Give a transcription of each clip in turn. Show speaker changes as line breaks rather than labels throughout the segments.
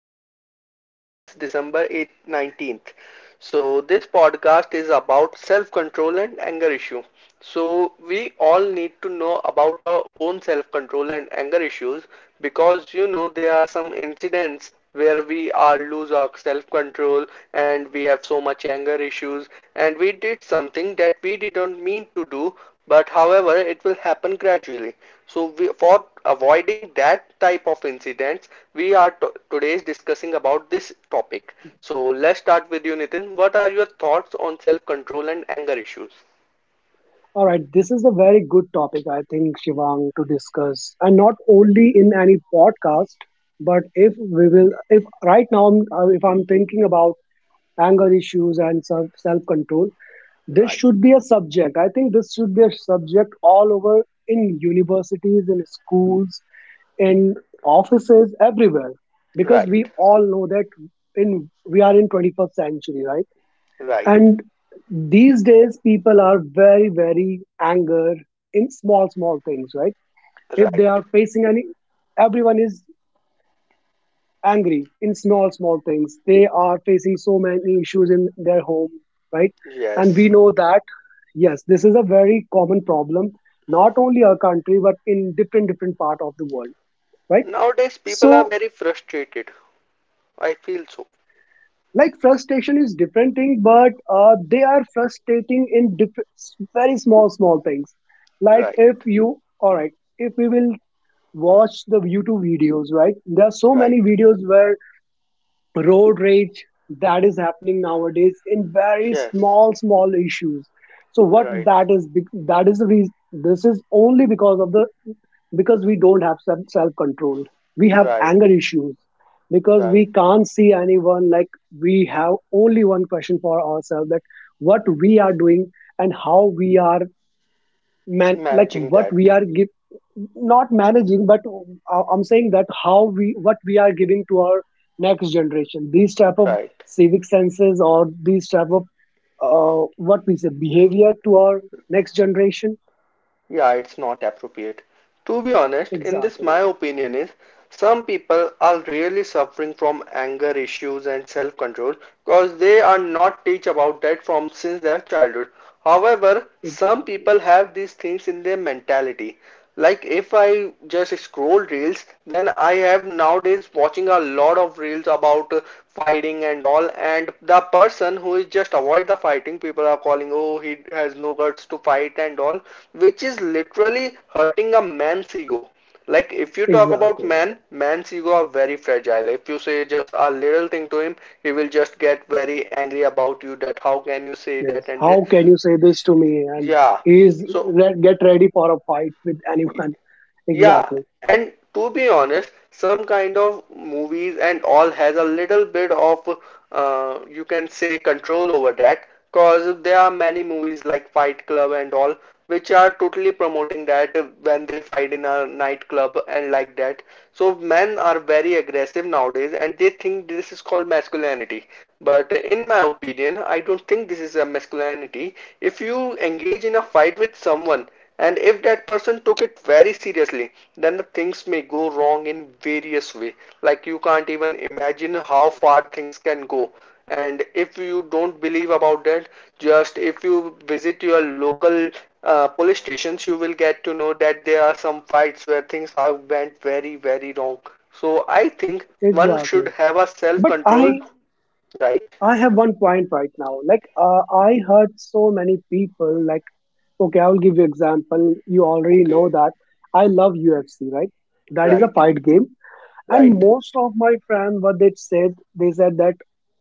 today, and the date is December 8th, 19th. So, this podcast is about self control and anger issue. So we all need to know about our own self-control and anger issues because there are some incidents where we are lose our self-control, and we have so much anger issues, and we did something that we didn't mean to do, but however it will happen gradually. So we, for avoiding that type of incidents we are to today is discussing about this topic. So let's start with you, Nitin. What are your thoughts on self-control and anger issues?
All right, this is a very good topic, I think, Shivang, to discuss, and not only in any podcast, but if we will, if right now, if I'm thinking about anger issues and self control, this
Right.
should be a subject. I think this should be a subject all over in universities, in schools, in offices, everywhere, because we
Right,
all know that in we are in 21st century, right?
right,
And these days, people are very, very anger in small, small things, right? If they
right.
are facing any, everyone is angry in small, small things. They are facing so many issues in their home, right? And we
Yes.
know that, yes, this is a very common problem, not only our country, but in different, different part of the world, right?
Nowadays, people are
So,
very frustrated. I feel so.
yes, like frustration is different thing, but they are frustrating in very small, small things. Like,
Right,
if you all right, if we will watch the YouTube videos, right? There are so
right.
many videos where road rage that is happening nowadays in very
Yes,
small, small issues. So what
right,
that is, that is the reason. This is only because of the, because we don't have self control, we have
right,
anger issues, because we
right.
can't see anyone. Like, we have only one question for ourselves, that what we are doing and how we are man, like
Managing
what
that.
we are give, not managing, but I'm saying that how we, what we are giving to our next generation, these type of
Right.
civic senses or these type of what we say behavior to our next generation.
Yeah, it's not appropriate. To be honest, in this,
Exactly,
my opinion is some people are really suffering from anger issues and self control because they are not teach about that from since their childhood. However, some
exactly,
people have these things in their mentality. Like if I just scroll reels, then I have nowadays watching a lot of reels about fighting and all, and the person who is just avoid the fighting, people are calling, oh, he has no guts to fight and all, which is literally hurting a man's ego. Like if you talk about
exactly,
man, man's ego are very fragile. If you say just a little thing to him, he will just get very angry about you that how can you say
yes,
that and
how
this.
can you say this to me? And
Yeah.
he's
So.
get ready for a fight with anyone.
Yeah,
Exactly,
and to be honest, some kind of movies and all has a little bit of, you can say, control over that, because there are many movies like Fight Club and all which are totally promoting that, when they fight in a nightclub and like that. So men are very aggressive nowadays and they think this is called masculinity. But in my opinion, I don't think this is a masculinity. If you engage in a fight with someone, and if that person took it very seriously, then the things may go wrong in various ways. Like you can't even imagine how far things can go, and if you don't believe about that, just if you visit your local police stations, you will get to know that there are some fights where things are went very very wrong. So I think one
exactly,
should have a
but
self
i
control. Right.
I have one point right now. Like, I heard so many people. Like, okay, I will give you example. You already
Okay.
know that I love UFC, right? That is a
Right,
fight game, and
right,
most of my friends, what they said that,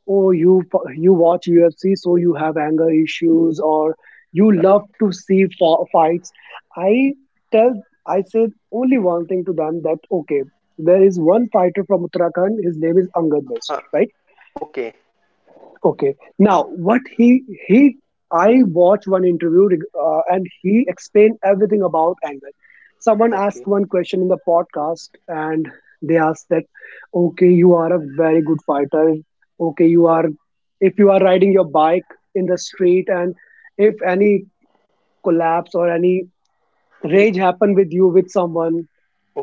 oh, you watch UFC, so you have anger issues, or you
right.
love to see fights. I I said only one thing to them, that okay, there is one fighter from Uttarakhand. His name is Angad Best,
uh,
right?
okay,
Okay. Now, what he I watched one interview, and he explained everything about anger. Someone asked
okay,
one question in the podcast and they asked that, okay, you are a very good fighter. Okay, you are, if you are riding your bike in the street and if any collapse or any rage happen with you with someone,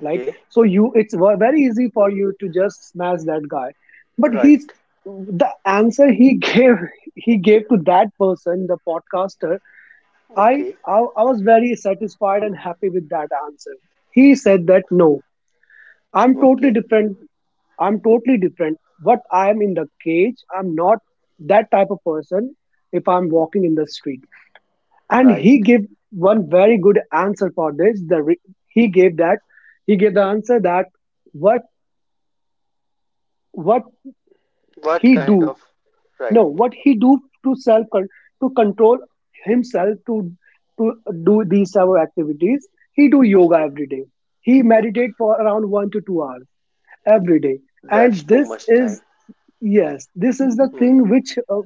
like, so you, it's very easy for you to just smash that guy. But he's,
Right.
the answer he gave, he gave to that person, the podcaster. i
Okay.
i, I was very satisfied and happy with that answer. He said that, no, I'm totally
Okay.
different. I'm totally different. But I am in the cage, I'm not that type of person if I'm walking in the street. And
Right.
he gave one very good answer for this, he gave that, he gave the answer that, what, what
What
he do,
kind of
no,
right?
what he do to self to control himself, to do these type of activities. He do yoga
Okay.
every day. He
Okay.
meditate for around 1 to 2 hours every day.
That's
And
too
this
much time.
is, yes, this is the
Hmm.
thing which,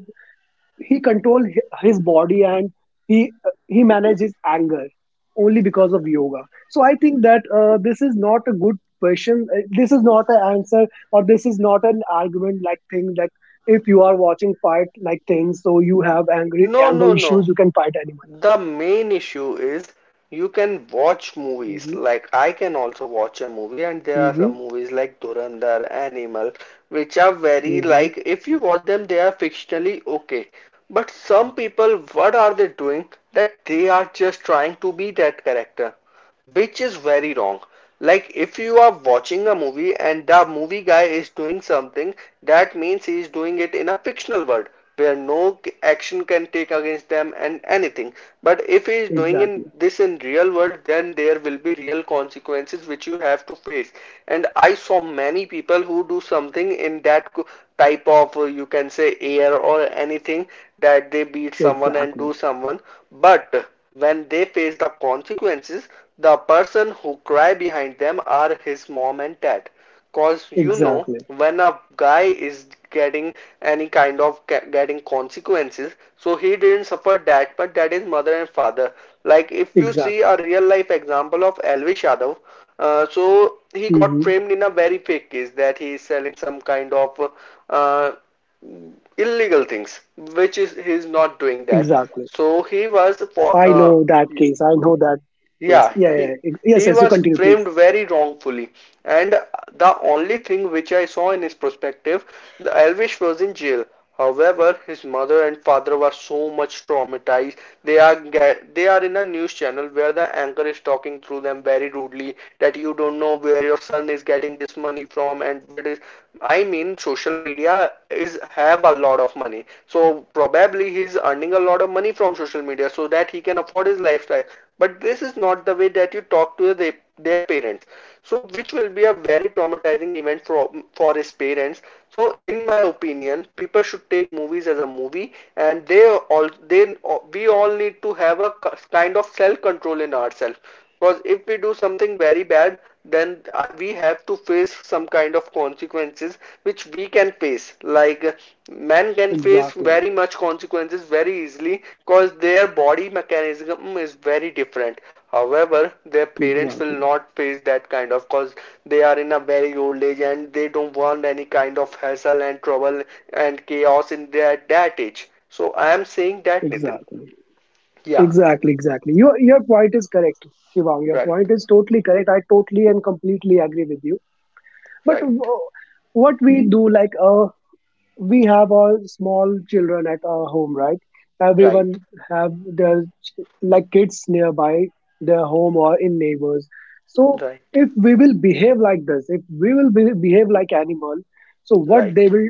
he control his body and he he manages anger only because of yoga. So I think that, this is not a good question. This is not an answer, or this is not an argument, like thing. Like, if you are watching fight like things, so you have angry
No,
anger
no, no.
issues, you can fight anyone.
The main issue is you can watch movies.
Hmm.
Like I can also watch a movie, and there are some
Hmm.
movies like Durandar, Animal, which are very like
Hmm.
if you watch them, they are fictionally okay. But some people, what are they doing? That they are just trying to be that character, which is very wrong. Like, if you are watching a movie and the movie guy is doing something, that means he is doing it in a fictional world where no action can take against them and anything. But if he is doing in this in real
Exactly,
world, then there will be real consequences which you have to face. And I saw many people who do something in that type of, you can say, air or anything, that they beat someone and do someone,
exactly,
but when they face the consequences, the person who cry behind them are his mom and dad. Cause when a guy is
exactly,
getting any kind of getting consequences, so he didn't suffer that, but that is mother and father. Like if you see a real life
exactly.
example of Elvis Yadav, so he got framed
Hmm.
in a very fake case that he is selling some kind of uh, illegal things, which is he is not doing that.
Exactly.
So he was for
I know that case. I know that case.
yeah,
Yeah, yeah,
he
yes,
he
yes, you
was
continue
framed
please.
very wrongfully, and the only thing which I saw in his perspective, Elvis was in jail. However, his mother and father were so much traumatized. They are in a news channel where the anchor is talking through them very rudely that you don't know where your son is getting this money from and where it is. I mean, social media is have a lot of money. So probably he is earning a lot of money from social media so that he can afford his lifestyle. But this is not the way that you talk to their parents. So which will be a very traumatizing event for his parents. So in my opinion, people should take movies as a movie, and they all they we all need to have a kind of self control in ourselves. Because if we do something very bad, then we have to face some kind of consequences which we can face. Like men can
Exactly,
face very much consequences very easily because their body mechanism is very different. However, their
exactly,
parents will not face that kind of cause they are in a very old age and they don't want any kind of hassle and trouble and chaos in their that age. So I am saying that, Nitin.
exactly,
Yeah,
exactly, exactly. Your point is correct, Shivang. Your
right,
point is totally correct. I totally and completely agree with you. But
right,
what we do, like, we have our small children at our home, right? Everyone
right,
have their like kids nearby their home or in neighbors. So
right.
if we will behave like this, if we will behave like animal, so what they
Right.
will,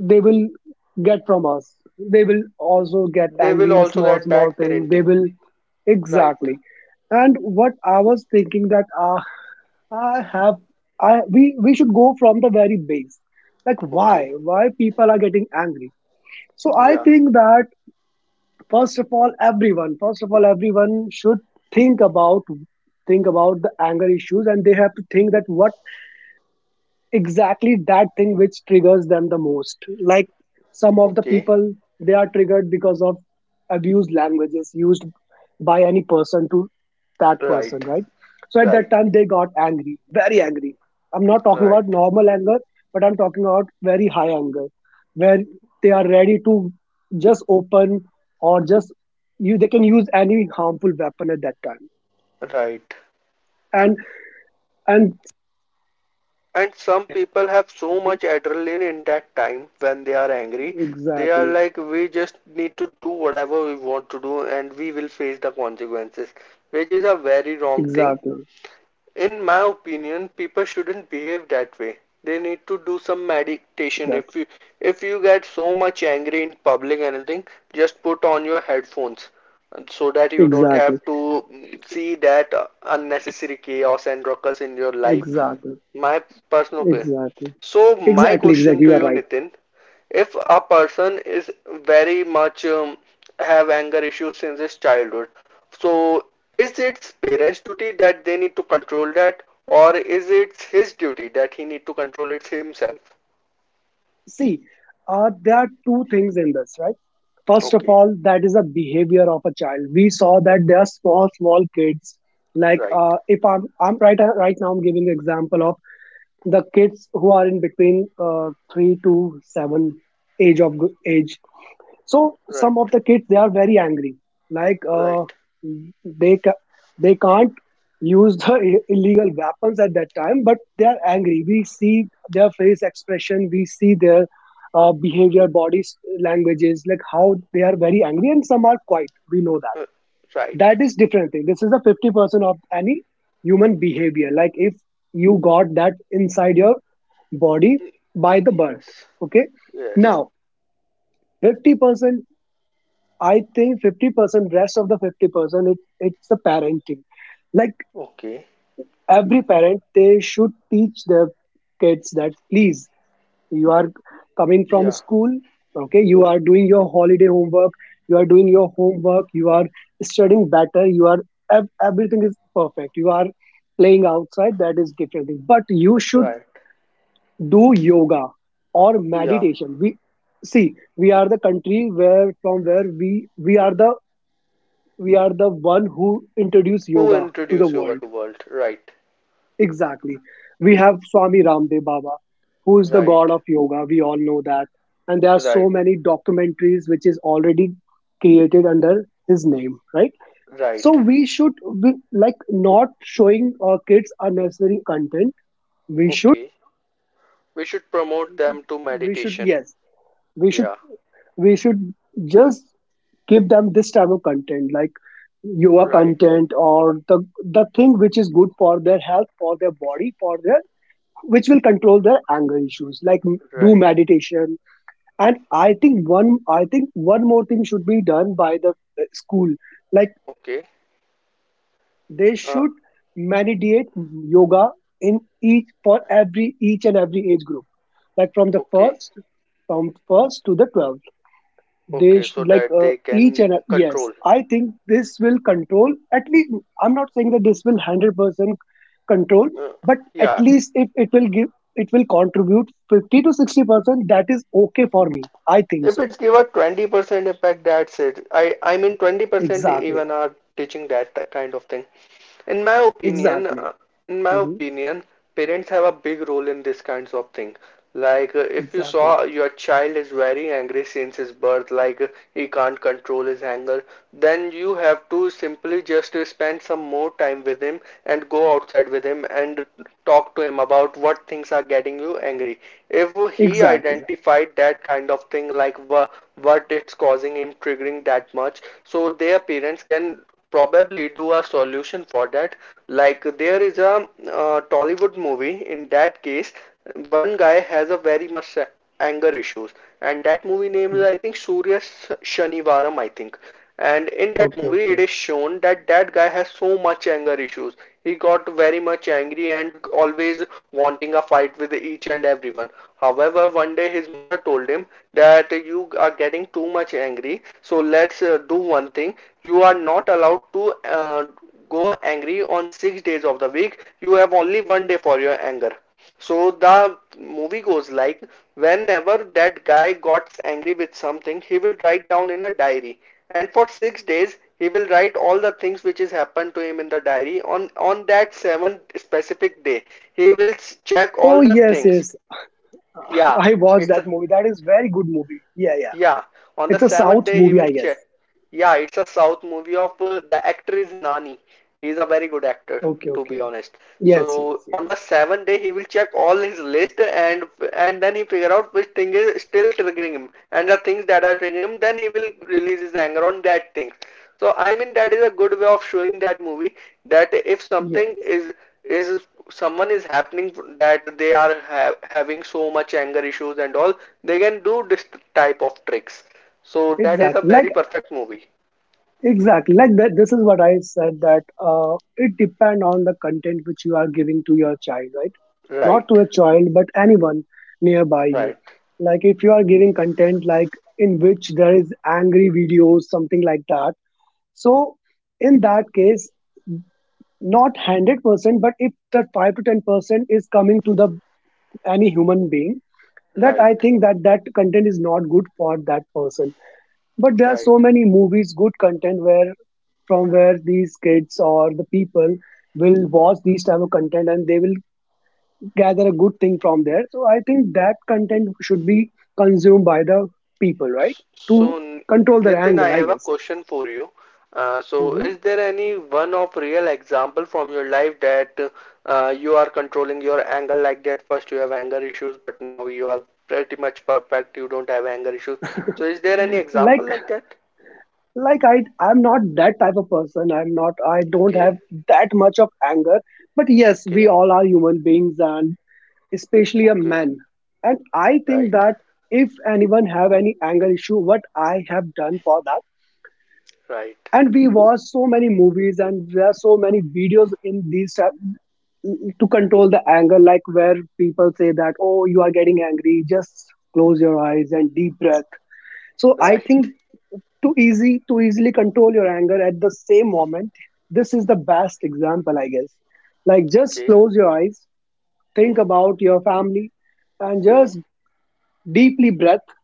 they will get from us. They will also get
They
angry
will
in
also
small,
get
small
bad
things. They
parenting.
will,
Right.
exactly. And what I was thinking that, I have, I, we should go from the very base. Like,
Okay.
why people are getting angry? So I
Yeah.
think that, first of all, everyone first of all everyone should think about think about the anger issues, and they have to think that what exactly that thing which triggers them the most. Like, some of the
Okay.
people, they are triggered because of abused languages used by any person to that person,
Right.
right? So at that
Right.
time they got angry, very angry. I'm not talking about
Right.
normal anger, but I'm talking about very high anger, where they are ready to just open, or just, you they can use any harmful weapon at that time.
Right.
And, and
And some people
mhm,
have so much adrenaline in that time when they are angry.
exactly,
They are like, we just need to do whatever we want to do and we will face the consequences, which is a
exactly,
very wrong thing. In my opinion, people shouldn't behave that way. They need to do some
exactly,
meditation. If you get so much angry in public anything, just put on your headphones so that you
exactly.
don't have to see that unnecessary chaos and ruckus in your life.
Exactly,
My personal opinion.
exactly,
So my
exactly,
question
exactly.
to
You are
you,
right.
Nitin, if a person is very much have anger issues since his childhood, so is it parents' duty that they need to control that, or is it his duty that he need to control it himself?
See, there are two things in this, right? First of
Okay,
all, that is a behavior of a child. We saw that there are small, small kids. Like,
right,
if I'm right, right now, I'm giving example of the kids who are in between three to seven age of age. So
right,
some of the kids, they are very angry, like,
right,
they ca- they can't use the illegal weapons at that time, but they are angry. We see their face expression, we see their behavior, languages, like how they are very angry, and some are quiet. We know that,
uh, right.
that is different thing. This is the 50% of any human behavior, like if you got that inside your body
Y-
by the birth.
Yes,
Okay. Now,
yes.
50%, I think 50%, rest of the 50%, it's the parenting. Like,
Okay.
every parent, they should teach their kids that please, you are coming from
Yeah,
school, okay, you are doing your holiday homework, you are doing your homework, you are studying better, you are, everything is perfect. You are playing outside, that is different thing. But you should
right.
do yoga or
Yeah.
meditation. We see, we are the country where from where we are the, we are the one who introduced
Who
yoga to the
introduced yoga
world.
to world? Right,
Exactly. We have Swami Ramdev Baba, who is the god
right,
of yoga. We all know that. And there are so
right,
many documentaries which is already created under his name, right? So
right.
we should, like not showing our kids unnecessary content. We should,
Okay. We should promote
we should,
them to
we should.
meditation.
Yes, we should.
Yeah,
We should just give them this type of content, like yoga
right,
content, or the thing which is good for their health, for their body, for their, which will control their anger issues. Like, do
right.
meditation. And I think one more thing should be done by the, school. Like,
Okay,
they
uh,
should meditate yoga in each, for every, each and every age group, like from the
okay,
first, from first to the 12th, they
okay, so
like,
that they
each
can
and yes,
control.
I think this will control at least, I'm not saying that this will 100% control,
Uh,
but at
yeah,
least if it will give, it will contribute 50 to 60%, that is okay for me, I think
if
so.
it's give a 20% impact, that's it. I mean, 20%
Exactly,
even are teaching that kind of thing. In my opinion,
exactly.
uh, in my
Hmm.
opinion, parents have a big role in this kinds of thing. Like if you saw
Exactly,
your child is very angry since his birth, like he can't control his anger, then you have to simply just spend some more time with him and go outside with him and talk to him about what things are getting you angry. If he
exactly.
identified that kind of thing, like what it's causing him triggering that much, so their parents can probably do a solution for that. Like there is a Tollywood movie. In that case, one guy has a very much anger issues, and that movie name is, I think,
Mhm.
Surya Shanivaram. I think. And in that movie, it is
Okay,
shown
okay.
that that guy has so much anger issues. He got very much angry and always wanting a fight with each and everyone. However, one day his mother told him that you are getting too much angry. So let's do one thing. You are not allowed to go angry on 6 days of the week. You have only one day for your anger. So the movie goes like whenever that guy gets angry with something, he will write down in a diary. And for 6 days, he will write all the things which has happened to him in the diary. On that seventh specific day, he will check all
Oh,
the
yes,
things.
yes.
Yeah,
I watched
it's
that
a,
movie, that is very good movie, yeah. Yeah,
yeah. On the
it's a
seventh
south
day, he
movie
will
I guess.
check. Yeah, it's a South movie of the actor is Nani. He is a very good actor,
Okay,
to be
okay.
honest.
Yes,
So
yes,
on the
yes,
seventh day, he will check all his list and then he figure out which thing is still triggering him and the things that are triggering him. Then he will release his anger on that thing. So I mean that is a good way of showing that movie, that if something
yes.
is someone is happening that they are ha having so much anger issues and all, they can do this type of tricks. So that is a
Exactly. Like,
very perfect movie.
exactly. Like that, this is what I said, that it depend on the content which you are giving to your child, right? Not to
Right,
a child, but anyone nearby you.
right,
Like, if you are giving content like, in which there is angry videos, something like that. So in that case, not 100%, but if the 5 to 10% is coming to the any human being, that
right,
I think that, that content is not good for that person. But there are
right.
so many movies, good content, where from where these kids or the people will watch these type of content, and they will gather a good thing from there. So I think that content should be consumed by the people, right?
S- So,
To
N-
control their
Nitin, I
anger, I
have a
guess.
question for you. So,
Hmm.
is there any one of real example from your life that you are controlling your anger like that? First, you have anger issues, but now you are pretty much perfect. You don't have anger issues. So, is there any example
Like,
like that?
I'm not that type of person. I'm not. I don't
Okay,
have that much of anger. But yes,
okay,
we all are human beings, and especially a
okay.
man, and I think
Right,
that if anyone have any anger issue, what I have done for that,
right,
and we watch so many movies and there are so many videos in these to control the anger. Like where people say that, oh, you are getting angry, just close your eyes and deep breath. So I
right.
think too easy to easily control your anger at the same moment. This is the best example, I guess. Like just
Okay.
close your eyes,
Hmm,
think about your family, and
hmm,
just deeply breath.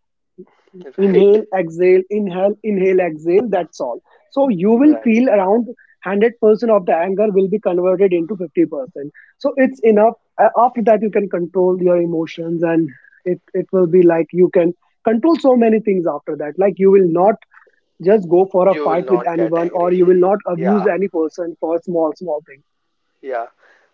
right.
Inhale, exhale, inhale, exhale. That's all. So you will
Right.
feel around 100% of the anger will be converted into 50%. So it's enough. After that you can control your emotions, and it will be like you can control so many things after that. Like you will not just go for a
You
fight
will
with
not get
anyone, or
angry.
you will not abuse
Yeah,
any person for small small things.
yeah.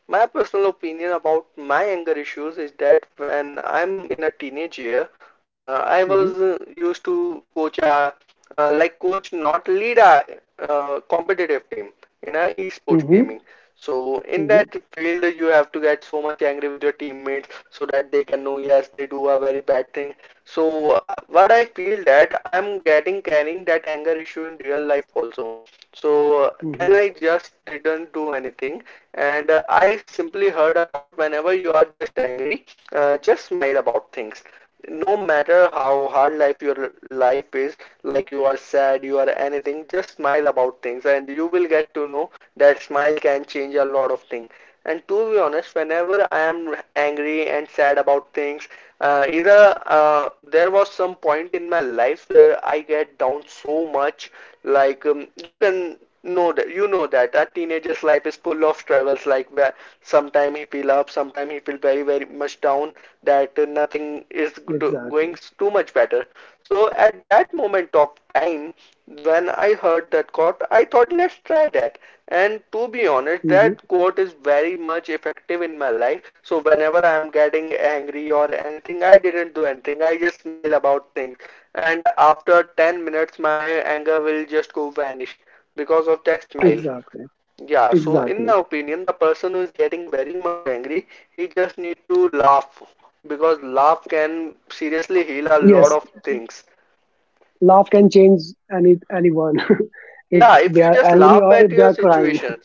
My personal opinion about my anger issues is that when I'm in a teenage year, I was
Mm-hmm.
used to coach a like coach, not lead a competitive team in a esport gaming.
Mm-hmm.
So in that
Mm-hmm.
field, you have to get so much angry with your teammates so that they can know yes they do a very bad thing. So what I feel that I'm getting carrying that anger issue in real life also. So then I
Mm-hmm.
just didn't do anything, and I simply heard a thought whenever you are just angry, just smile about things. No matter how hard life your life is, like you are sad, you are anything, just smile about things, and you will get to know that smile can change a lot of things. And to be honest, whenever I am angry and sad about things, either there was some point in my life where I get down so much. Like you know that a teenager's life is full of struggles. Like where sometime he feel up, sometime he feel very very much down. That nothing is
Exactly.
going too much better. So at that moment of time, when I heard that quote, I thought, let's try that. And to be honest,
Mm-hmm.
that quote is very much effective in my life. So whenever I am getting angry or anything, I didn't do anything. I just smile about things. And after 10 minutes, my anger will just go vanish because of that smile.
Exactly,
Yeah, so in my
exactly.
opinion, the person who is getting very much angry, he just need to laugh because laugh can seriously heal a lot
Yes,
of things.
laugh can change anyone if
Yeah, if
they
you
are
just
angry
laugh
or
at
if they
your
are crying.
situations.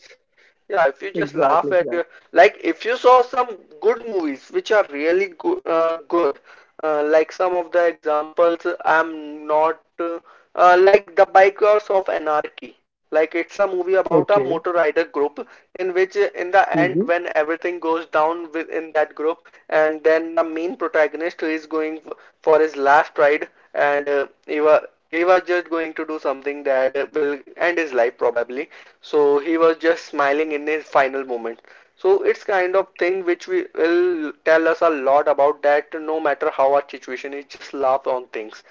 Yeah, if you just laugh
Exactly,
at your
exactly.
Like if you saw some good movies which are really go good, like some of the examples I'm not like The Bikers of Anarchy. Like it's a
Okay.
movie about a motor rider group in which
Hmm.
in the end when everything goes down within that group, and then the main protagonist is going f for his last ride, and he was just going to do something that will end his life probably. So he was just smiling in his final moment. So it's kind of thing which we will tell us a lot about, that no matter how our situation is, just laugh on things.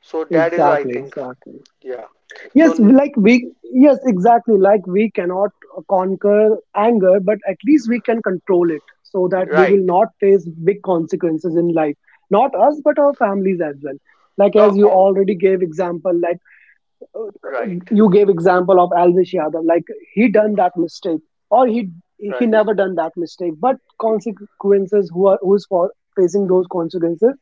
So that is, I
Exactly,
think.
exactly.
Yeah.
yes
So
like we yes exactly, like we cannot conquer anger, but at least we can control it so that we will
right.
not face big consequences in life. Not us, but our families as well. Like, as you
the
already gave example, like
Right,
you gave example of Alvish Yadav. Like he done that mistake, or he
right.
never done that mistake, but consequences, who is for facing those consequences?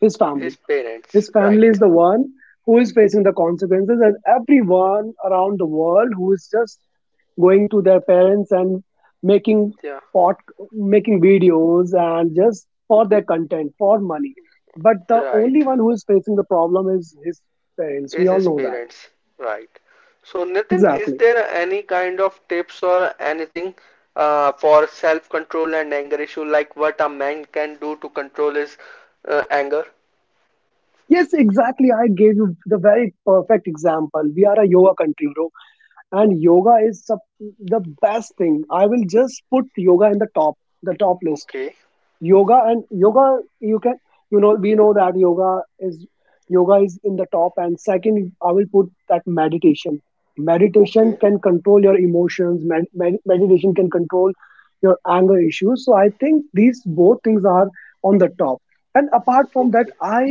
His
His
family.
parents.
His family
Right.
is the one who is facing the consequences, and everyone around the world who is just going to their parents and making
Yeah,
pot making videos, and just for their content for money. But the only
right.
one who is facing the problem is his parents. We
Is
all
his
know that.
parents, right? So, Nitin, is
Exactly.
there any kind of tips or anything for self-control and anger issue, like what a man can do to control his anger?
Yes, exactly. I gave you the very perfect example. We are a yoga country, bro, and yoga is the best thing. I will just put yoga in the top list.
Okay,
Yoga, and yoga you can, you know, we know that yoga is, yoga is in the top. And second, I will put that meditation. Meditation
okay,
can control your emotions. Meditation can control your anger issues. So I think these both things are on the top. And apart from
okay,
that, i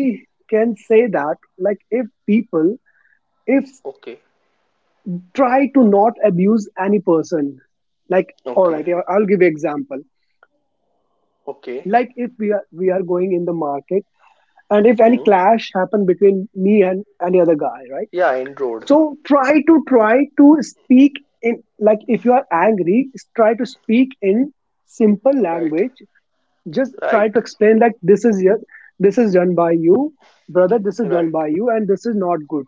can say that like if people, if,
okay,
try to not abuse any person. Like, all
okay,
right, yeah, I'll give you example.
okay.
Like if we are going in the market and if any
Hmm.
clash happen between me and any other guy, right?
Yeah, end road.
So try to, try to speak in, like if you are angry, try to speak in simple
Right,
language. Just try
right,
to explain that this is your, this is done by you, brother. This is done
right.
by you, and this is not good.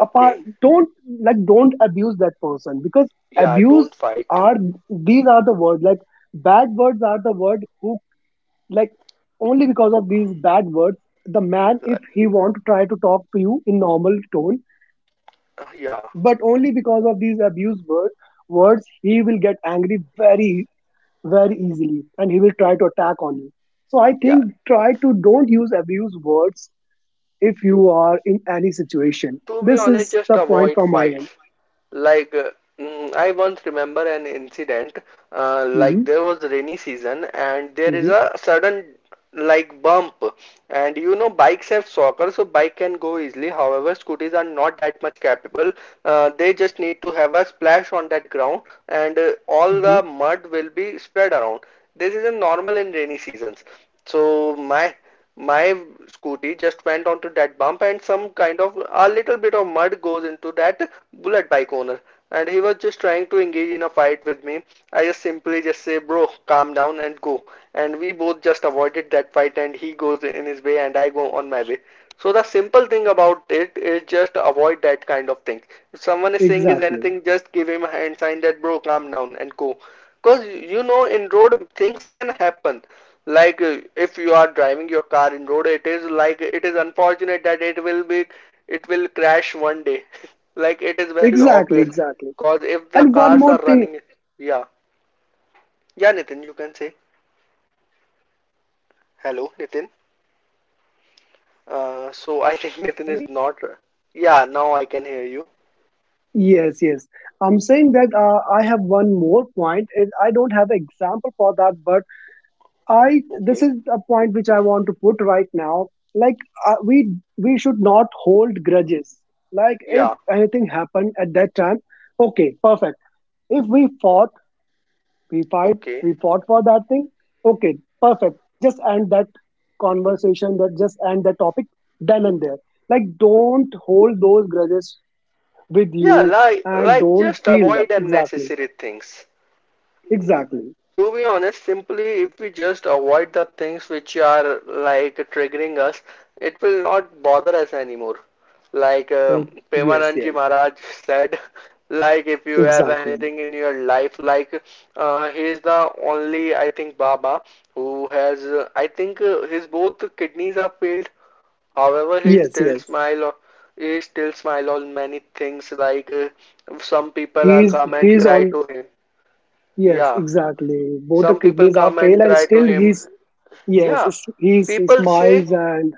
Apart, don't, like don't abuse that person, because
Yeah,
abuse
don't fight.
are, these are the word, like, bad words are the word who, like, only because of these bad words, the man, if
Like,
he want to try to talk to you in normal tone,
yeah,
but only because of these abuse words he will get angry very very easily, and he will try to attack on you. So I
yeah.
think try to don't use abuse words if you are in any situation.
To be
This
honest,
is
just
the point
avoid
from my
fights.
end.
Like, uh, I once remember an incident. Like,
Hmm.
there was rainy season, and there is
Hmm.
a sudden like bump. And you know, bikes have shockers, so bike can go easily. However, scooters are not that much capable. They just need to have a splash on that ground, and all
Hmm.
the mud will be spread around. This is a normal in rainy seasons. So my scooty just went onto that bump, and some kind of a little bit of mud goes into that bullet bike owner, and he was just trying to engage in a fight with me. I just simply just say, bro, calm down and go. And we both just avoided that fight, and he goes in his way and I go on my way. So the simple thing about it is just avoid that kind of thing. If someone is saying is
Exactly,
anything, just give him a hand sign that bro, calm down and go. Because you know, in road things can happen. Like if you are driving your car in road, it is like it is unfortunate that it will crash one day. Like it is very
exactly,
obvious,
exactly.
cause if the
And one
cars
more
are
thing.
running. Yeah. Yeah, Nitin, you can say. Hello, Nitin. So I think Nitin is not. Yeah, now I can hear you.
Yes, yes. I'm saying that I have one more point. I don't have an example for that, but I, this
Okay
is a point which I want to put right now. Like, we should not hold grudges. Like if
yeah
anything happened at that time, okay, perfect. If we fought, we fight,
okay.
we fought for that thing. Okay, perfect. Just end that conversation. That, just end that topic. Done and there. Like, don't hold those grudges with
Yeah,
you
like
and
like
don't
just
feel that.
avoid
Exactly,
unnecessary things.
exactly.
To be honest, simply if we just avoid the things which are like triggering us, it will not bother us anymore. Like
Okay, yes,
Premanandji
yes.
Maharaj said, like if you have
Exactly.
anything in your life, like he is the only, I think, Baba who has I think his both kidneys are failed. However, he
Yes,
still
yes.
smile. He still smile on many things. Like some people are
he's
come and
he's
cry
on
to him.
yes,
Yeah.
exactly, both the
Some people
kidneys are
come
fail,
and
and
cry to
still
him.
he's, yes,
Yeah,
he's, he
people say,
smiles, and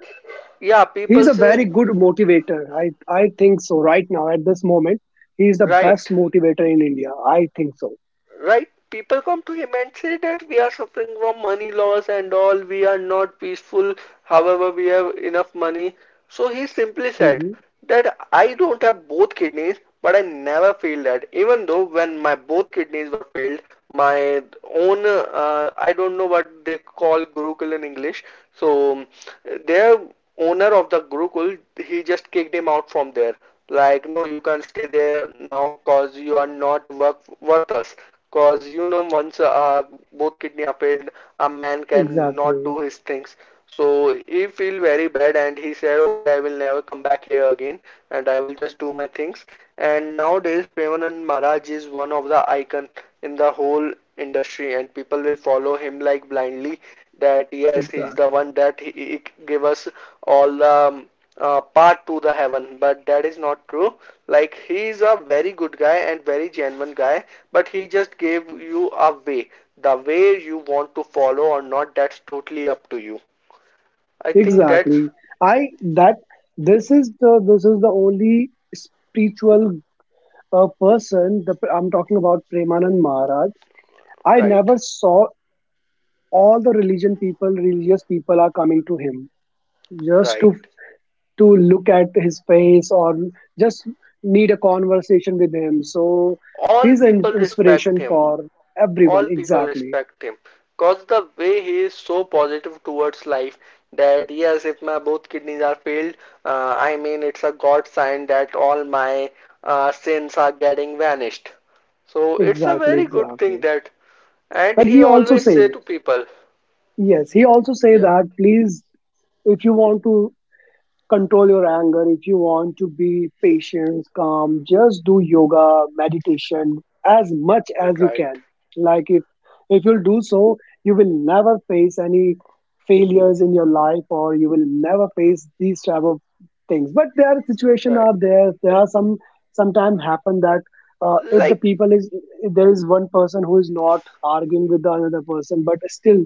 yeah,
he's
people
a
say,
very good motivator, I think so. Right now, at this moment, he's the
right.
best motivator in India, I think so.
Right? People come to him and say that we are suffering from money loss and all, we are not peaceful, however, we have enough money. So he simply said
Hmm.
that I don't have both kidneys, but I never feel that. Even though when my both kidneys were failed, my own, I don't know what they call Gurukul in English. So their owner of the Gurukul, he just kicked him out from there. Like, no, you can't stay there now because you are not work worth us. Cause you know, once both kidney are failed, a man can not
Exactly,
do his things. So he feel very bad, and he said, "Okay, I will never come back here again, and I will just do my things." And nowadays, Premanand Maharaj is one of the icon in the whole industry, and people will follow him like blindly. That yes, he is the
exactly.
one that he gave us all the part to the heaven, but that is not true. Like he is a very good guy and very genuine guy, but he just gave you a way. The way you want to follow or not, that's totally up to you. I think that's
Exactly. I, that, this is the, this is the only spiritual person, the, I'm talking about Premanand Maharaj. I
right.
never saw all the religion people, religious people are coming to him just
Right.
to look at his face or just need a conversation with him. So
all
he's an
people respect
inspiration
him
for everyone.
All people
Exactly.
respect him, cause the way he is so positive towards life. That yes, if my both kidneys are failed, I mean it's a god sign that all my sins are getting vanished. So it's a
Exactly.
very good thing
Exactly.
that, and
And
he
he also
always say
say,
to people,
yes, he also say
yeah,
that, please, if you want to control your anger, if you want to be patient, calm, just do yoga, meditation as much as you can.
right,
Like if you'll do so, you will never face any failures in your life, or you will never face these type of things. But there are situation
right,
are there. There are some, sometimes happen that, if the
like,
people is, if there is one person who is not arguing with the another person, but still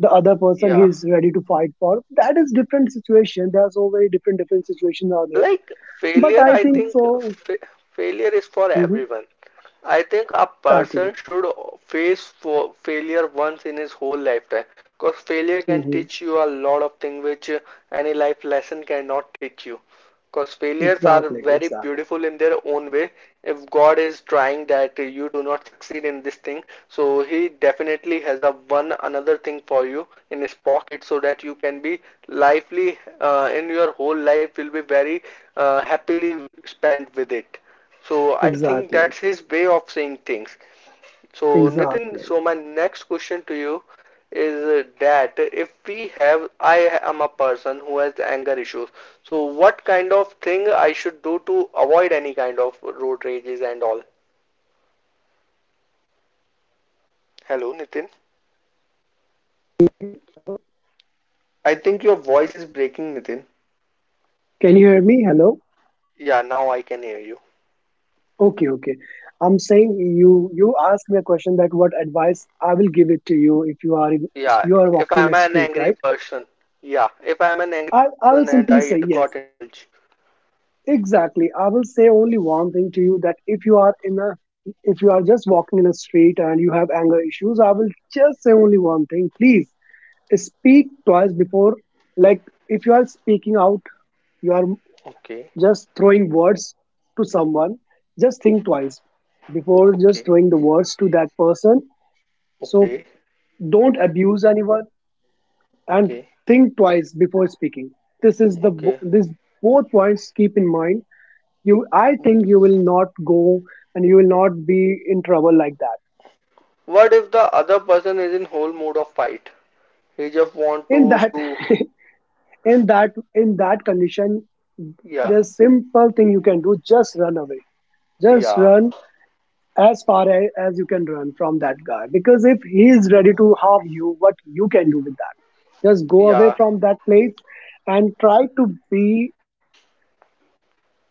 the other person,
yeah.
he's ready to fight for. That is different situation. There are so very different different situations out there.
Like
But
failure,
I
I
think
think
so.
fa failure is for
Hmm.
everyone. I think a person
Exactly.
should face for failure once in his whole lifetime because failure can
Hmm.
teach you a lot of things which any life lesson cannot teach you. Because failures are very
Exactly.
beautiful
Exactly.
in their own way. If god is trying that you do not succeed in this thing, so he definitely has a one another thing for you in his pocket, so that you can be lively, in your whole life will be very happily spent with it. So I think that's his way
Exactly.
of saying things. So, Nitin, so my
Exactly.
next question to you is that if we have, I am a person who has anger issues. So, what kind of thing I should do to avoid any kind of road rages and all? Hello, Nitin.
Can
I think your voice is breaking, Nitin.
can you hear me? Hello.
Yeah, now I can hear you.
Okay, okay. I'm saying, you you asked me a question that what advice I will give it to you if you are in,
Yeah,
you are
if
walking in
I'm
a
an
street,
angry
right?
person.
I I will
And
simply
I
say yes.
got indulged.
Exactly. I will say only one thing to you. That if you are in a, if you are just walking in a street and you have anger issues, I will just say only one thing. Please speak twice before. Like, if you are speaking out, you are
Okay,
just throwing words to someone, just think twice before just
okay,
throwing the words to that person. So
okay,
don't abuse anyone, and
okay,
think twice before speaking. This is the,
okay.
this both points keep in mind. You, I think, you will not go, and you will not be in trouble like that.
What if the other person is in whole mood of fight? He just want
In
to
that,
do.
in that condition,
Yeah,
there's simple thing you can do, just run away. Just
yeah,
run as far as you can run from that guy. Because if he is ready to harm you, what you can do with that? Just go away
yeah,
from that place, and try to be,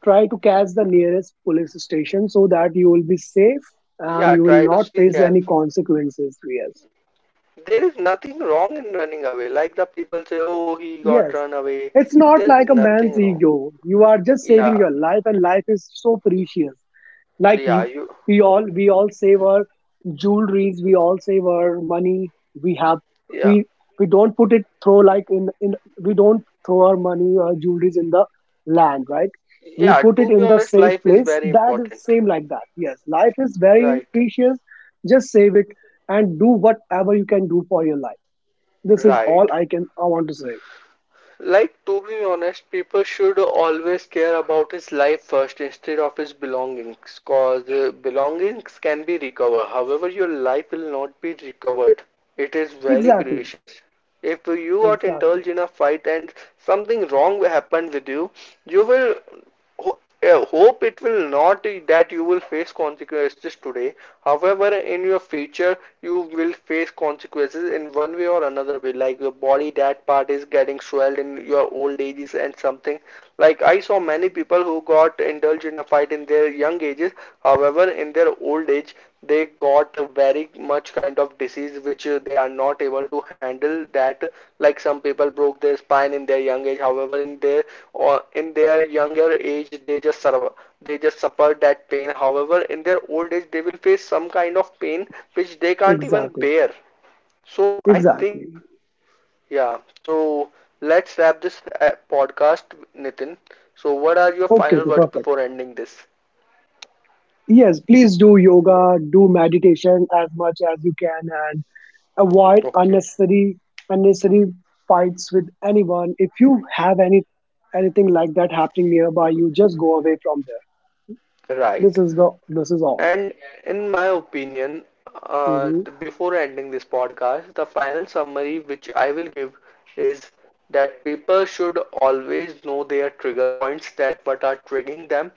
try to catch the nearest police station so that you will be safe, and
yeah,
you will
try to
not
seek
face
help.
any consequences. Yes.
There is nothing wrong in running away. Like the people say, oh, he got
Yes,
run away.
it's not
There is
like a man's
nothing wrong.
ego. You are just saving
Yeah,
your life, and life is so precious. Like you,
yeah, you,
we all save our jewelries, we all save our money, we have, we
yeah,
we don't put it throw like in, we don't throw our money or jewelries in the land, right? We
yeah.
put it
To be
in the
honest,
safe
life is
place.
very
That is
important.
same like that. Yes, life is very
Right,
precious. Just save it and do whatever you can do for your life. This is
right.
all I can, I want to say.
Like, to be honest, people should always care about his life first instead of his belongings, cause belongings can be recovered. However, your life will not be recovered. It is very
Exactly,
precious. If you got
exactly.
indulged in a fight and something wrong happened with you, you will hope it will not, that you will face consequences today. However, in your future, you will face consequences in one way or another way. Like your body, that part is getting swelled in your old ages and something. Like I saw many people who got indulged in a fight in their young ages. However, in their old age, they got a very much kind of disease which they are not able to handle that. Like some people broke their spine in their young age, however, in their younger age they just suffer that pain. However, in their old age, they will face some kind of pain which they can't even
Exactly,
bear. So I
exactly.
think. Yeah. So let's wrap this podcast, Nitin. So what are your
Okay,
final
okay,
words
perfect.
before ending this?
Yes, please do yoga, do meditation as much as you can, and avoid
Okay.
unnecessary, unnecessary fights with anyone. If you have any, anything like that happening nearby, you just go away from there. This
Right.
is the, this is all.
And in my opinion, uh,
Hmm.
before ending this podcast, the final summary which I will give is that people should always know their trigger points, that what are triggering them.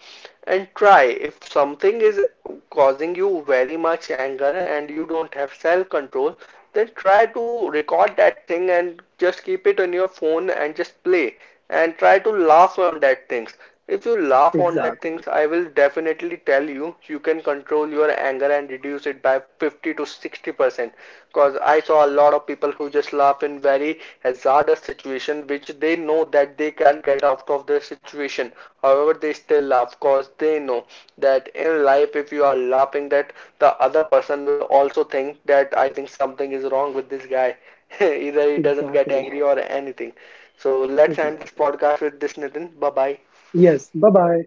And try if something is causing you very much anger and you don't have self control, then try to record that thing and just keep it on your phone and just play and try to laugh on that things. If you laugh on that
Exactly,
things, I will definitely tell you can control your anger and reduce it by 50 to 60%. Because I saw a lot of people who just laugh in very hazardous situation which they know that they can't get out of their situation. However, they still laugh because they know that in life, if you are laughing, that the other person will also think that I think something is wrong with this guy. Either he doesn't get
exactly,
angry or anything. So let's end this
exactly.
podcast with this, Nitin. Bye bye.
Yes. Bye bye.